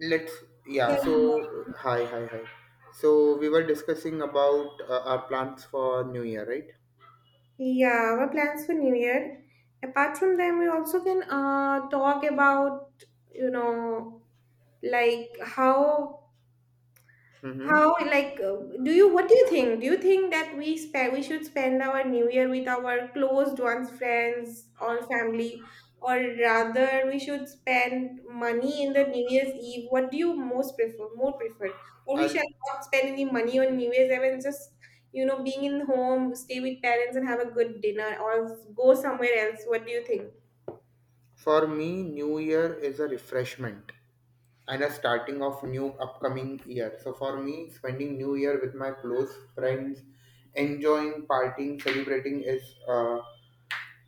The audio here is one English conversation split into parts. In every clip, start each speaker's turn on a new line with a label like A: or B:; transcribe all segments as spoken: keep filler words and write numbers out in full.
A: Let's Yeah, so hi, hi, hi. So we were discussing about uh, our plans for New Year, right?
B: Yeah, our plans for New Year. Apart from them, we also can uh, talk about, you know, like how
A: Mm-hmm.
B: How like uh, do you what do you think? Do you think that we spend we should spend our New Year with our closed ones, friends or family, or rather we should spend money in the New Year's Eve? What do you most prefer? More prefer, or we
A: And
B: shall not spend any money on New Year's Eve and just you know being in home, stay with parents and have a good dinner, or go somewhere else. What do you think?
A: for me, New Year is a refreshment and a starting of new upcoming year. So for me, spending New Year with my close friends, enjoying, partying, celebrating is uh,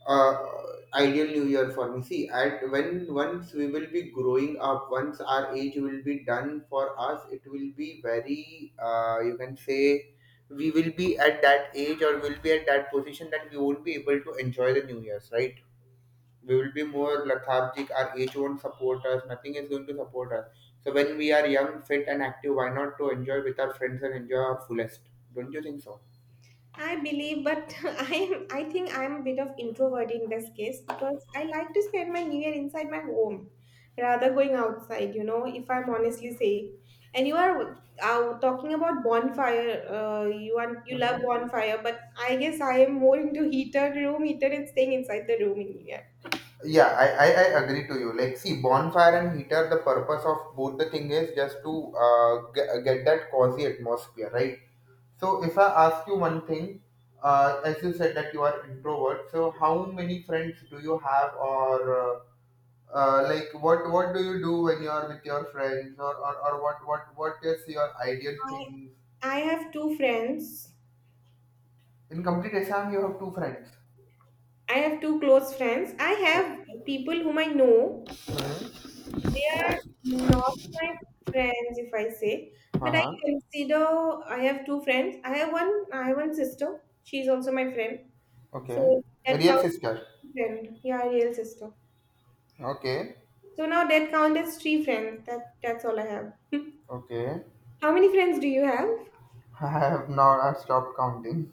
A: uh, ideal New Year for me. See, at when once we will be growing up, once our age will be done for us, it will be very uh, you can say, we will be at that age or will be at that position that we won't be able to enjoy the New Years, right? We will be more lethargic. Our age won't support us. Nothing is going to support us. So when we are young, fit and active, why not to enjoy with our friends and enjoy our fullest? Don't you think
B: I believe, but I am I think I'm a bit of introvert in this case because I like to spend my New Year inside my home rather going outside. You know, if I'm honestly saying, and you are uh, talking about bonfire. Uh, you want you
A: so?
B: love bonfire, but I guess I am more into heater, room heater, and staying inside the room in New Year.
A: Yeah, I, I, I agree to you. Like, see, bonfire and heater, the purpose of both the thing is just to uh, get, get that cozy atmosphere, right? So, if I ask you one thing, uh, as you said that you are introvert, so how many friends do you have, or uh, uh, like what what do you do when you are with your friends, or, or, or what what what is your ideal
B: I
A: thing?
B: I have two friends.
A: In complete exam, you have two friends.
B: I have two close friends. I
A: Okay.
B: have people whom I know. They are not my friends, if I say,
A: Hmm.
B: but I
A: Uh-huh.
B: consider I have two friends. I have one. I have one sister. She's also my friend.
A: Okay.
B: So
A: A
B: that
A: real
B: counts
A: sister.
B: as friend. Yeah, real sister.
A: Okay.
B: So now that counts as three friends. That that's all I have.
A: Okay,
B: How many friends do you have?
A: I have not, I stopped counting.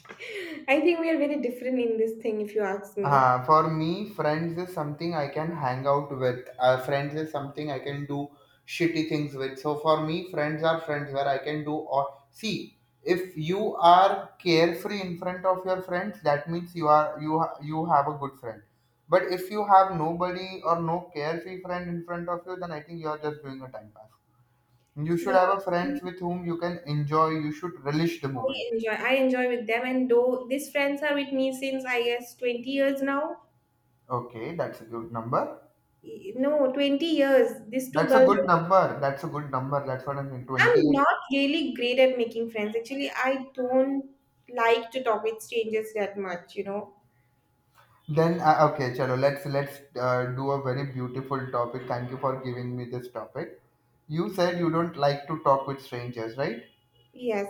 B: I think we are very different in this thing, if you ask me.
A: Uh, for me, friends is something I can hang out with. Uh, friends is something I can do shitty things with. So for me, friends are friends where I can do or see. If you are carefree in front of your friends, that means you are you ha- you have a good friend. But if you have nobody or no carefree friend in front of you, then I think you are just doing a time pass. You should
B: Yeah,
A: have a friends with whom you can enjoy. You should relish the
B: I
A: moment.
B: enjoy. I enjoy with them, and though these friends are with me since I guess twenty years now.
A: Okay, that's a good number.
B: No, twenty years. These two
A: That's a
B: girls
A: good number. That's a good number. That's what I mean.
B: I'm
A: twenty-eight.
B: not really great at making friends. Actually, I don't like to talk with strangers that much, you know.
A: Then uh, okay, chalo. Let's let's uh, do a very beautiful topic. Thank you for giving me this topic. You said you don't like to talk with strangers, right?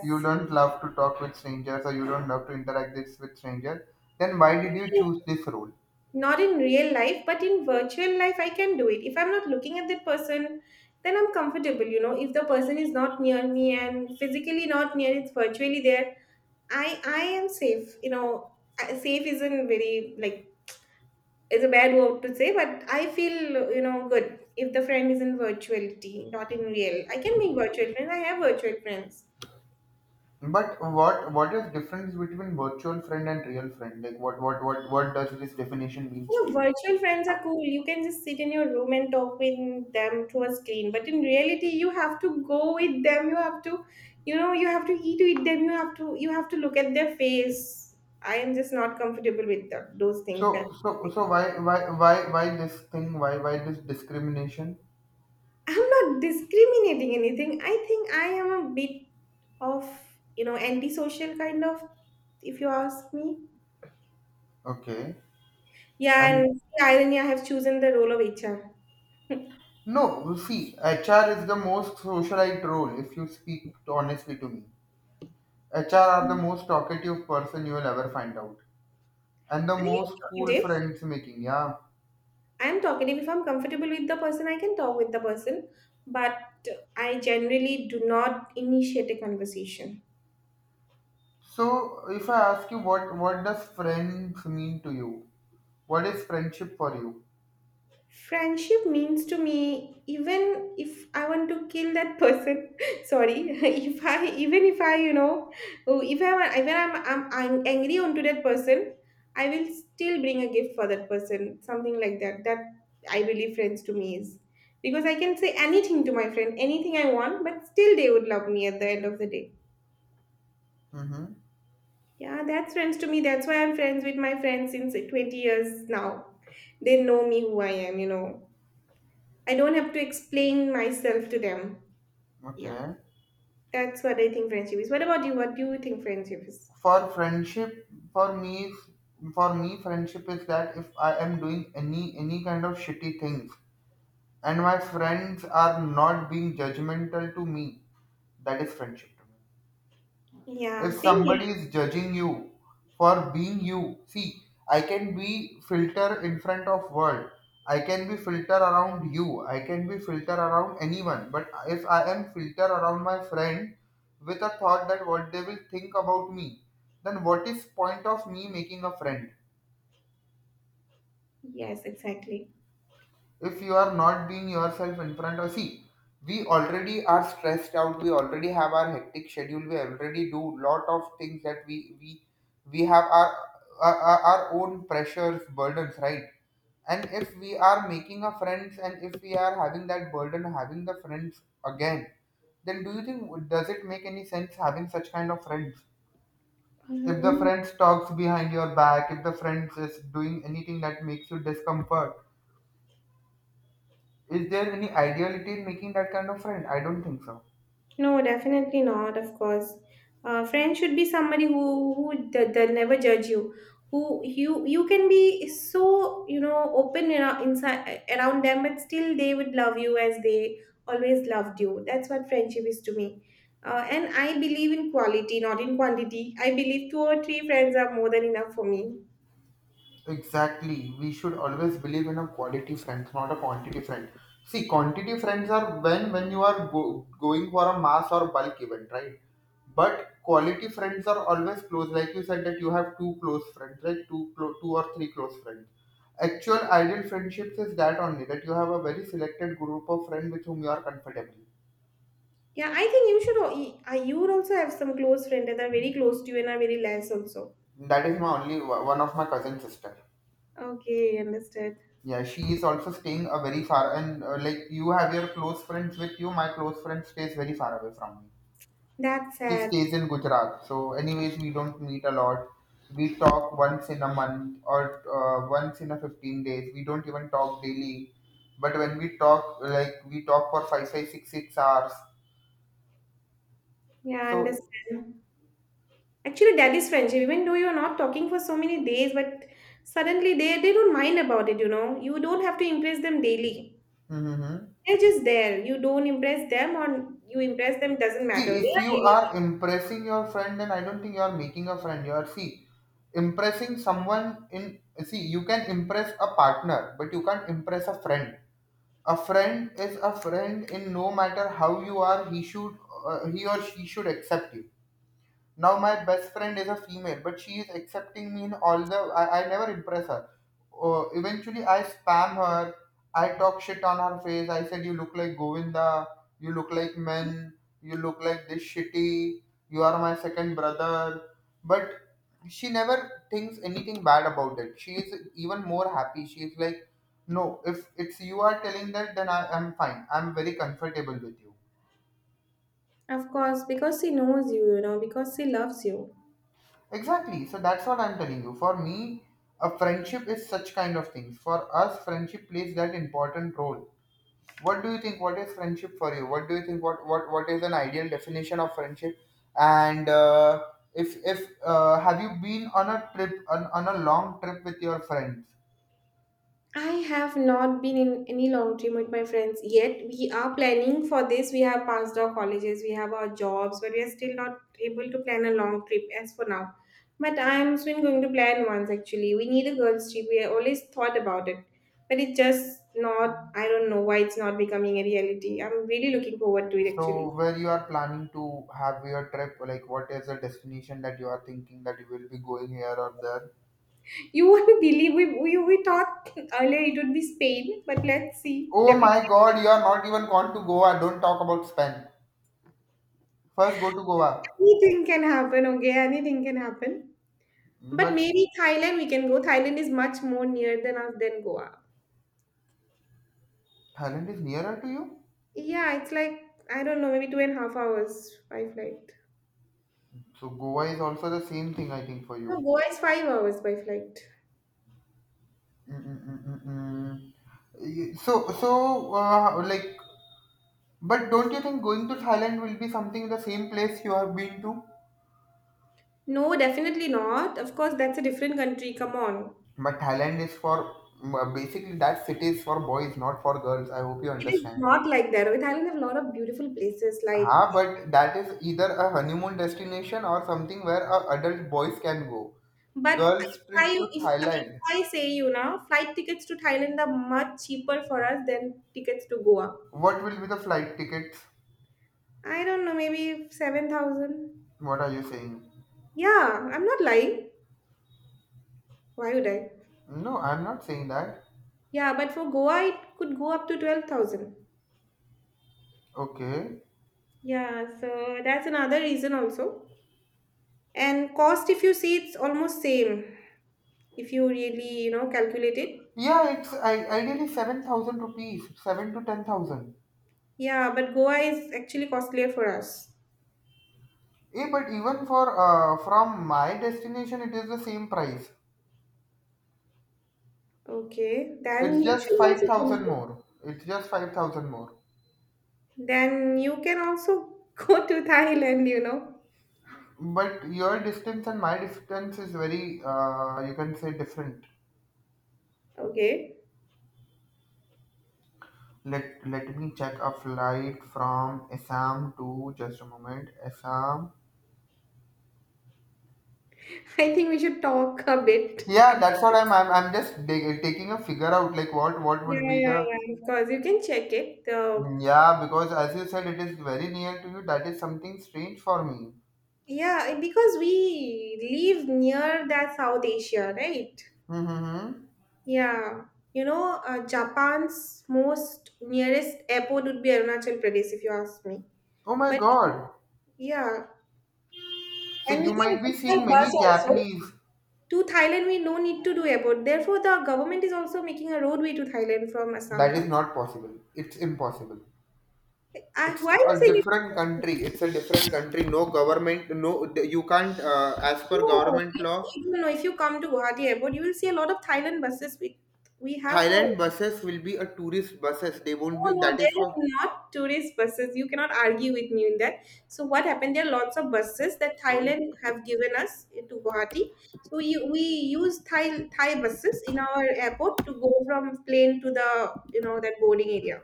A: You don't love to talk with strangers, or you don't love to interact this with strangers. Then why did you choose this role?
B: Not in real life, but in virtual life, I can do it. If I'm not looking at that person, then I'm comfortable, you know. If the person is not near me and physically not near, it's virtually there. I I am safe, you know. I- Safe isn't very like it's a bad word to say, but I feel you know good if the friend is in virtuality, not in real. I can make virtual friends. I have virtual friends.
A: But what what is difference between virtual friend and real friend? Like what what what what does this definition means
B: You
A: to
B: know,
A: you?
B: virtual friends are cool. You can just sit in your room and talk with them through a screen. But in reality, you have to go with them. You have to, you know, you have to eat with them. You have to, you have to look at their face. I am just not comfortable with that, those things. That
A: So, so, so why, why, why, why this thing? Why, why this discrimination?
B: I'm not discriminating anything. I think I am a bit of, you know, antisocial kind of, if you ask me.
A: Okay,
B: Yeah,
A: and
B: and the irony, I have chosen the role of H R.
A: no, see, H R is the most socialite role. If you speak honestly to me, H R are the most talkative person you will ever find out, and the
B: I am
A: most cool
B: talkative.
A: friends making. Yeah.
B: I'm talkative. If I'm comfortable with the person, I can talk with the person, but I generally do not initiate a conversation.
A: So, if I ask you what, what does friends mean to you? What is friendship for you?
B: Friendship means to me, even if I want to kill that person, sorry, if I, even if I, you know, oh, if I, want- even I'm, I'm, I'm angry onto that person, I will still bring a gift for that person, something like that. That I believe friends to me is because I can say anything to my friend, anything I want, but still they would love me at the end of the day.
A: Mm-hmm.
B: Yeah, that's friends to me. That's why I'm friends with my friends since twenty years now. They know me who I am, you know. I don't have to explain myself to them. Yeah,
A: Okay.
B: that's what I think friendship is. What about you? What do you think friendship is?
A: For friendship, for me, for me, friendship is that if I am doing any any kind of shitty things and my friends are not being judgmental to me, that is friendship to me.
B: Yeah,
A: If
B: same here.
A: somebody is judging you for being you, see, I can be filter in front of world. I can be filter around you. I can be filter around anyone. But if I am filter around my friend with a thought that what they will think about me, then what is point of me making a friend?
B: Yes, exactly.
A: If you are not being yourself in front of, see, we already are stressed out. We already have our hectic schedule. We already do lot of things that we we we have our our, our our own pressures, burdens, right? And if we are making a friends and if we are having that burden having the friends again, then do you think, does it make any sense having such kind of friends?
B: Uh,
A: If the
B: no.
A: friends talks behind your back, if the friends is doing anything that makes you discomfort, is there any ideality in making that kind of friend? I don't think so.
B: No, definitely not, of course. Uh, friend should be somebody who who that that never judge you. Who you you can be so you know open aro- inside around them, but still they would love you as they always loved you. That's what friendship is to me. Uh, and I believe in quality, not in quantity. I believe two or three friends are more than enough for me.
A: Exactly. We should always believe in a quality friend, not a quantity friend. See, quantity friends are when when you are go, going for a mass or bulk event, right? But quality friends are always close. Like you said that you have two close friends, right? Two clo- two or three close friends. Actual ideal friendships is that only that you have a very selected group of friends with whom you are comfortable.
B: Yeah, I think you should. Al- I You would also have some close friends that are very close to you and are very less also.
A: That is my only one of my cousin sister.
B: Okay, understood.
A: Yeah, she is also staying uh, very far, and uh, like you have your close friends with you, my close friend stays very far away from me.
B: That's
A: She
B: sad.
A: stays in Gujarat, so anyways, we don't meet a lot. We talk once in a month or uh, once in a fifteen days. We don't even talk daily, but when we talk, like we talk for five, five, six, six hours.
B: Yeah, I
A: So.
B: understand. Actually, that is friendship. Even though you're not talking for so many days, but suddenly they, they don't mind about it, you know. You don't have to impress them daily.
A: Mm-hmm.
B: They're just there. You don't impress them or you impress them doesn't matter. They
A: See, if
B: are
A: you
B: daily.
A: are impressing your friend, then I don't think you are making a friend. You are, see, impressing someone in, see, you can impress a partner, but you can't impress a friend. A friend is a friend in no matter how you are, he should uh, he or she should accept you. Now my best friend is a female, but she is accepting me in all the. I, I never impress her. Uh, eventually, I spam her. I talk shit on her face. I said, "You look like Govinda. You look like men. You look like this shitty. You are my second brother." But she never thinks anything bad about it. She is even more happy. She is like, "No, if it's you are telling that, then I am fine. I'm very comfortable with you."
B: Of course, because she knows you, you know, because she loves you.
A: Exactly. So that's what I'm telling you. For me, a friendship is such kind of things. For us, friendship plays that important role. What do you think? What is friendship for you? What do you think? What what what is an ideal definition of friendship? And uh, if if uh, have you been on a trip on, on a long trip with your friends?
B: I have not been in any long term with my friends yet. We are planning for this. We have passed our colleges, we have our jobs, but we are still not able to plan a long trip as for now. But I'm soon going to plan once actually. We need a girls' trip. We always thought about it, but it just not. I don't know why it's not becoming a reality. I'm really looking forward to it
A: So
B: actually.
A: where you are planning to have your trip? Like what is the destination that you are thinking that you will be going here or there?
B: You won't believe we we, we thought earlier it would be Spain, but let's see.
A: Oh my
B: Definitely
A: God! You are not even gone to Goa. Don't talk about Spain. First, go to Goa.
B: anything can happen. Okay, anything can happen. But
A: But
B: maybe Thailand we can go. Thailand is much more near than us than Goa.
A: Thailand is nearer to you.
B: Yeah, it's like I don't know, maybe two and a half hours by flight.
A: So, Goa is also the same thing, I think, for
B: No,
A: you.
B: Goa is five hours by flight.
A: Mm-mm-mm-mm. So, so uh, like, but don't you think going to Thailand will be something the same place you have been to?
B: No, definitely not. Of course, that's a different country. Come on.
A: But Thailand is for uh, basically that city is for boys, not for girls. I hope you
B: It is
A: understand.
B: not like that. Oh, Thailand have a lot of beautiful places. Like,
A: Huh, but that is either a honeymoon destination or something where uh, adult boys can go.
B: but
A: Girls'
B: if
A: trip
B: I
A: to
B: if, if
A: Thailand.
B: I say you know, flight tickets to Thailand are much cheaper for us than tickets to Goa.
A: What will be the flight tickets?
B: I don't know, maybe seven thousand.
A: What are you saying?
B: Yeah, I'm not lying. Why would I?
A: No, I'm not saying that.
B: Yeah, but for Goa, it could go up to twelve thousand.
A: Okay.
B: Yeah, so that's another reason also. And cost, if you see, it's almost same if you really, you know, calculate it.
A: Yeah, it's I, ideally seven thousand rupees, seven to ten thousand.
B: Yeah, but Goa is actually costlier for us.
A: Eh, but even for uh, from my destination, it is the same price.
B: Okay,
A: It's
B: then you
A: just
B: should also
A: five thousand
B: go.
A: more. It's just five thousand more.
B: Then you can also go to Thailand, you know.
A: But your distance and my distance is very, uh, you can say, different.
B: Okay,
A: Let, let me check a flight from Assam to, just a moment, Assam.
B: I think we should talk a bit.
A: Yeah,
B: ab-
A: that's what I'm. I'm, I'm just dig- taking a figure out like what what
B: Yeah,
A: would be
B: yeah,
A: the.
B: yeah. Because you can check it. The
A: Mm, yeah, because as you said it is very near to you. That is something strange for me.
B: Yeah, because we live near that South Asia, right?
A: Mm-hmm.
B: Yeah. You know, uh, Japan's most nearest airport would be Arunachal Pradesh, if you ask me.
A: Oh my
B: But
A: God!
B: yeah,
A: So
B: and we
A: you
B: can
A: might be
B: go by
A: seeing
B: bus
A: many
B: also.
A: Japanese.
B: To Thailand, we no need to do airport. Therefore, the government is also making a roadway to Thailand from Assam,
A: That is
B: no?
A: not possible. It's impossible.
B: I,
A: It's
B: why you
A: a
B: say
A: different country. It's a different country. No government. No, you can't. Uh, as per
B: no,
A: government
B: you know,
A: law.
B: if you know, if you come to Guwahati airport, you will see a lot of Thailand buses. We we have a
A: Thailand buses will be a tourist buses. They won't be.
B: No, no,
A: That is
B: there
A: for.
B: are not tourist buses. You cannot argue with me in that. So what happened? There are lots of buses that
A: Hmm.
B: Thailand have given us eh, to Guwahati. So we, we use Thai Thai buses in our airport to go from plane to the you know that boarding area.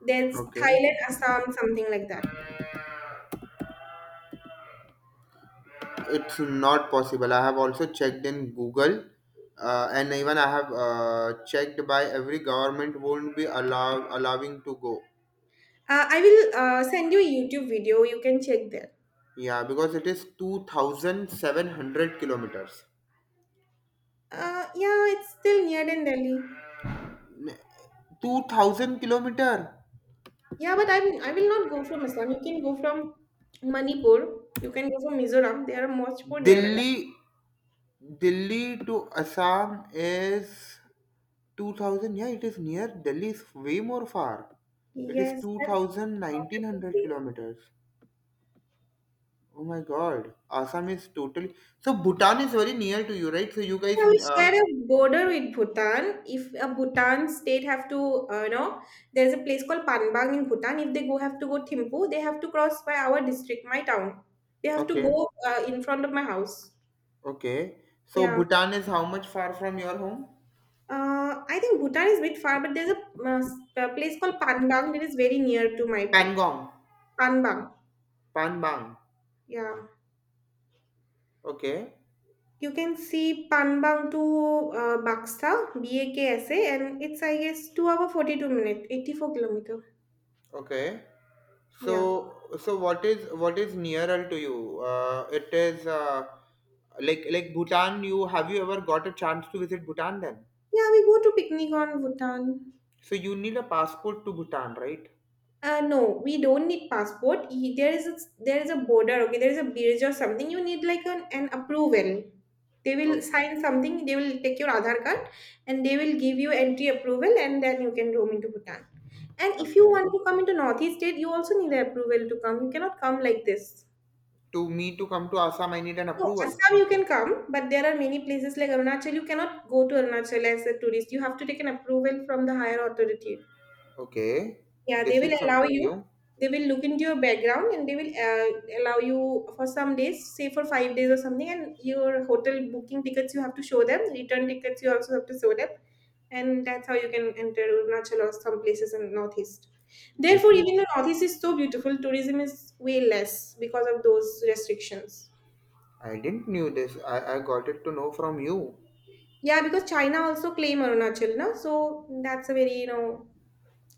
B: There's
A: Okay.
B: Thailand, Assam, something like that.
A: It's not possible. I have also checked in Google, uh, and even I have uh, checked by every government won't be allow allowing to go.
B: Uh, I will uh, send you a YouTube video. You can check there.
A: Yeah, because it is two thousand seven hundred kilometers.
B: Uh, yeah, it's still near than Delhi.
A: Two thousand kilometer.
B: Yeah, but I'm I will not go from Assam. You can go from Manipur. You can go from Mizoram. They are much more near.
A: Delhi, Delhi to Assam is two thousand. Yeah, it is near. Delhi is way more far. It is
B: Yes,
A: two
B: that's
A: thousand nineteen hundred
B: what.
A: kilometers. Oh my God, Assam is totally. So Bhutan is very near to you, right? So you guys,
B: Yeah, we
A: uh,
B: share a border with Bhutan. If a Bhutan state have to, uh, you know, there's a place called Panbang in Bhutan. If they go have to go Thimphu, they have to cross by our district, my town. They have to
A: okay,
B: go uh, in front of my house.
A: okay. So
B: Yeah.
A: Bhutan is how much far from your home?
B: Uh, I think Bhutan is a bit far, but there's a, uh, s- a place called Panbang that is very near to my pl-
A: Pangong,
B: Panbang.
A: Panbang.
B: Yeah.
A: Okay,
B: You can see Panbang to uh, Baksa, B A K S A, and it's, I guess, two hour forty-two minutes, eighty-four kilometer.
A: okay.
B: Yeah.
A: So so what is what is nearer to you? Uh, it is uh, like like Bhutan. You have you ever got a chance to visit Bhutan then?
B: Yeah, we go to picnic on Bhutan.
A: So you need a passport to Bhutan, right?
B: Uh, no, we don't need passport. Y- There is a, there is a border, okay? There is a bridge or something. You need like an, an approval. They will
A: Okay,
B: sign something, they will take your Aadhaar card and they will give you entry approval and then you can roam into Bhutan. And if you
A: okay.
B: want to come into Northeast state, you also need an approval to come. You cannot come like this.
A: To me to come to Assam, I need an
B: No,
A: approval.
B: Assam you can come, but there are many places like Arunachal. You cannot go to Arunachal as a tourist. You have to take an approval from the higher authority.
A: Okay,
B: Yeah, they
A: this is
B: will allow
A: something
B: you.
A: new.
B: They will look into your background and they will uh, allow you for some days, say for five days or something. And your hotel booking tickets you have to show them. Return tickets you also have to show them, and that's how you can enter Arunachal or some places in northeast.
A: This
B: Therefore, even
A: is
B: the northeast is so beautiful. Tourism is way less because of those restrictions.
A: I didn't knew this. I, I got it to know from you.
B: Yeah, because China also claim Arunachal, na? So that's a very, you know,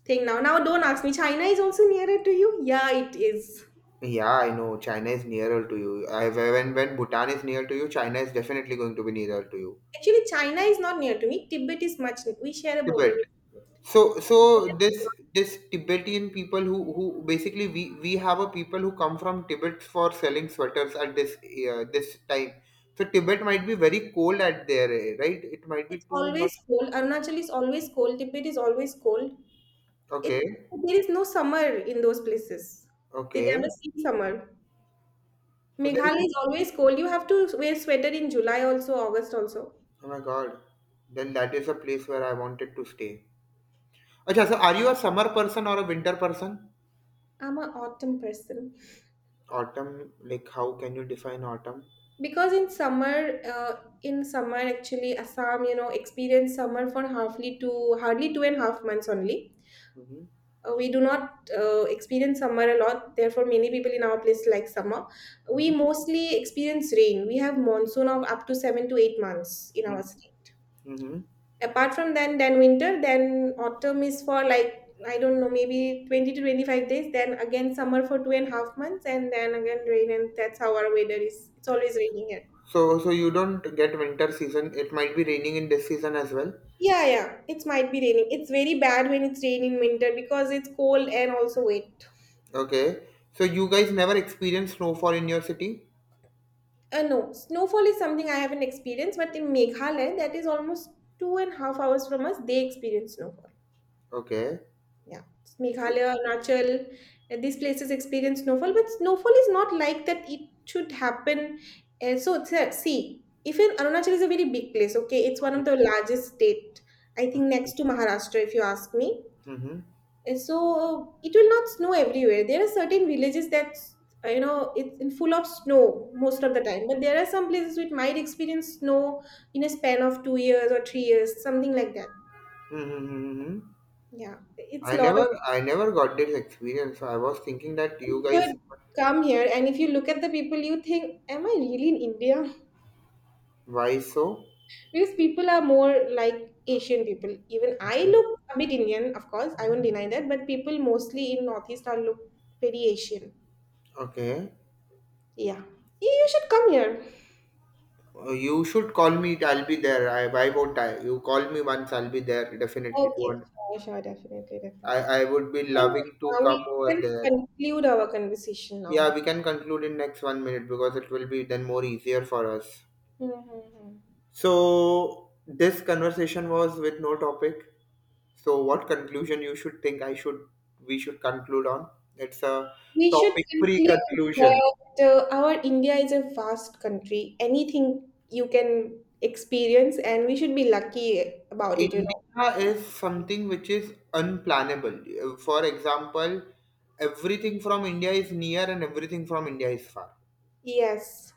B: thing now. Now don't ask me, China is also nearer to you? Yeah, it is.
A: Yeah, I know China is nearer to you. I, when when Bhutan is near to you, China is definitely going to be nearer to you.
B: Actually, China is not near to me. Tibet is much. We share a border
A: Tibet.
B: with Tibet.
A: So so this this Tibetan people who who basically we we have a people who come from Tibet for selling sweaters at this uh, this time. So Tibet might be very cold at there, eh, right? It might be
B: It's
A: too
B: always
A: much.
B: cold. Arunachal is always cold. Tibet is always cold.
A: Okay,
B: It There is no summer in those places. They
A: okay.
B: never see summer.
A: So there is.
B: Meghalaya is always cold. You have to wear sweater in July also, August also.
A: Oh my God. Then that is a place where I wanted to stay. Okay, so are you a summer person or a winter person?
B: I'm an autumn person.
A: Autumn, like how can you define autumn?
B: Because in summer uh, in summer, actually, assam you know experience summer for hardly two hardly two and a half months only.
A: Mm-hmm.
B: Uh, we do not uh, experience summer a lot, therefore many people in our place like summer. We
A: Mm-hmm.
B: mostly experience rain. We have monsoon of up to seven to eight months in our state.
A: Mm-hmm.
B: Apart from then then winter, then autumn is for, like, I don't know, maybe twenty to twenty-five days, then again summer for two and a half months, and then again rain, and that's how our weather is. It's always raining.
A: So, so you don't get winter season. It might be raining in this season as well.
B: Yeah, yeah, it might be raining. It's very bad when it's rain in winter because it's cold and also wet.
A: Okay. So you guys never experience snowfall in your city?
B: Uh, no, snowfall is something I haven't experienced, but in Meghalaya, that is almost two and a half hours from us, they experience snowfall.
A: Okay.
B: Yeah,
A: So.
B: Meghalaya, Arunachal, uh, these places experience snowfall, but snowfall is not like that. It should happen. Uh, so it's uh, See, if in Arunachal is a very big place, okay, it's one of the largest state. I think next to Maharashtra, if you ask me.
A: Mm-hmm.
B: Uh, so uh, it will not snow everywhere. There are certain villages that, uh, you know, it's in full of snow most of the time, but there are some places which might experience snow in a span of two years or three years, something like that.
A: Mm-hmm.
B: Yeah, it's
A: I
B: a lot of.
A: never, I never got this experience. So I was thinking that you
B: You
A: guys,
B: should come here, and if you look at the people, you think, am I really in India?
A: why so?
B: Because people are more like Asian people. Even I
A: Okay.
B: look a bit Indian, of course, I won't deny that, but people mostly in northeast are look very Asian.
A: Okay.
B: Yeah, you you should come here.
A: Uh, you should call me. I'll be there. I, why won't I? You call me once. I'll be there definitely. To
B: Okay.
A: un-
B: Sure, sure, definitely,
A: I
B: definitely.
A: I would
B: I
A: be
B: think,
A: loving to
B: uh, we
A: come over
B: can
A: there.
B: conclude our conversation
A: Yeah,
B: now.
A: we can conclude in next one minute because it will be then more easier for us.
B: Mm-hmm.
A: So this conversation was with no topic. So what conclusion you should think I should we should conclude on? It's a
B: We should
A: topic free
B: conclude
A: conclusion.
B: that, uh, our India is a vast country. Anything you can experience, and we should be lucky about it, you know.
A: India is something which is unplannable. Uh, For example, everything from India is near and everything from India is far.
B: Yes.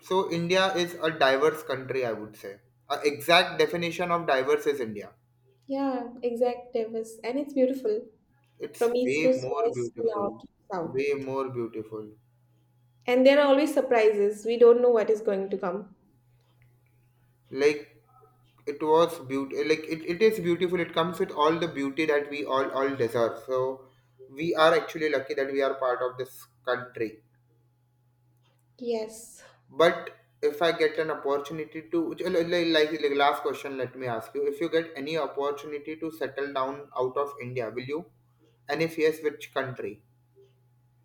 A: So, India is a diverse country, I would say. A exact definition of diverse is India.
B: Yeah, exact diverse. And it's beautiful
A: It's
B: from east
A: way
B: to
A: more
B: west,
A: beautiful,
B: north to south.
A: way more beautiful.
B: And there are always surprises. We don't know what is going to come.
A: Like, it was beautiful, like it, it is beautiful, it comes with all the beauty that we all all deserve, so we are actually lucky that we are part of this country.
B: Yes.
A: But if I get an opportunity to, like, like like last question, let me ask you: If you get any opportunity to settle down out of India, will you? And if yes, which country?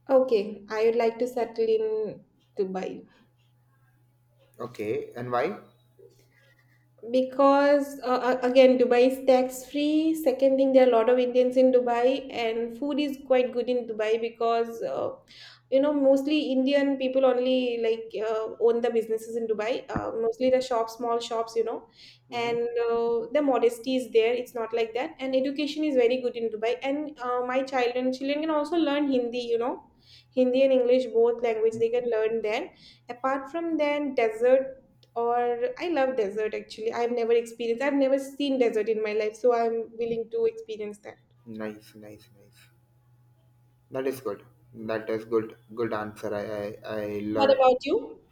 B: Okay. I would like to settle in Dubai.
A: Okay, and why?
B: Because uh, uh, again, Dubai is tax free. Second thing, there are a lot of Indians in Dubai, and food is quite good in Dubai, because, uh, you know, mostly Indian people only like, uh, own the businesses in Dubai, uh, mostly the shops, small shops, you know.
A: Hmm.
B: And uh, the modesty is there, it's not like that. And education is very good in Dubai. And uh, my children children can also learn Hindi, you know. Hindi and English both language they can learn there. Apart from then desert, or I love desert actually. I've never experienced, I've never seen desert in my life, so I'm willing to experience that.
A: Nice, nice, nice. That is good. That is good. Good answer. I, I, I
B: What
A: learned.
B: about you?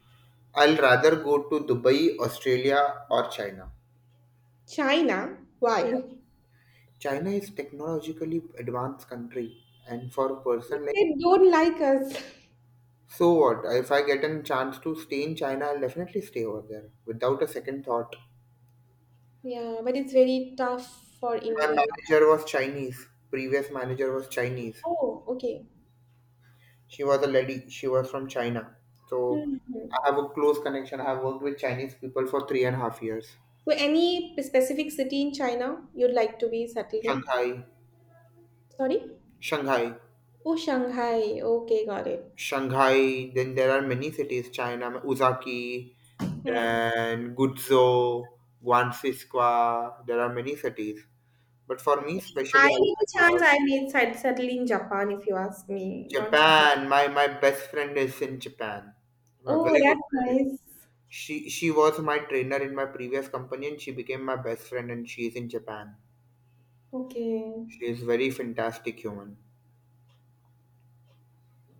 A: I'll rather go to Dubai, Australia, or China.
B: China? Why?
A: China is technologically advanced country, and for a person like.
B: They don't like us.
A: So what? If I get a chance to stay in China, I'll definitely stay over there without a second thought.
B: Yeah, but it's very tough for
A: My
B: Indians.
A: manager was Chinese. Previous manager was Chinese.
B: Oh, okay.
A: She was a lady. She was from China. So
B: Mhm.
A: I have a close connection. I have worked with Chinese people for three and a half years.
B: So, any specific city in China you'd like to be settled in?
A: Shanghai,
B: Sorry?
A: Shanghai,
B: Oh, Shanghai. Okay, got it.
A: Shanghai. Then there are many cities. China, Uzaki,
B: Hmm.
A: then Guizhou, Guangxi. There are many cities. But for me, especially, I,
B: I need a
A: I love
B: chance. I may set- settle in Japan if you ask me, not China.
A: Japan. My my best friend is in Japan. My
B: Oh,
A: very good
B: that's
A: friend.
B: nice.
A: She she was my trainer in my previous company, and she became my best friend. And she is in Japan.
B: Okay.
A: She is very fantastic human.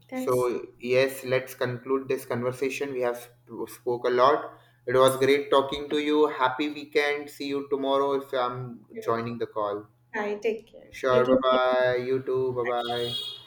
B: That's
A: So yes, let's conclude this conversation. We have sp- spoke a lot. It was great talking to you. Happy weekend. See you tomorrow if I'm
B: very
A: joining
B: good.
A: the call.
B: Hi, take care.
A: Sure. Bye
B: Looking
A: bye. You too. Bye bye.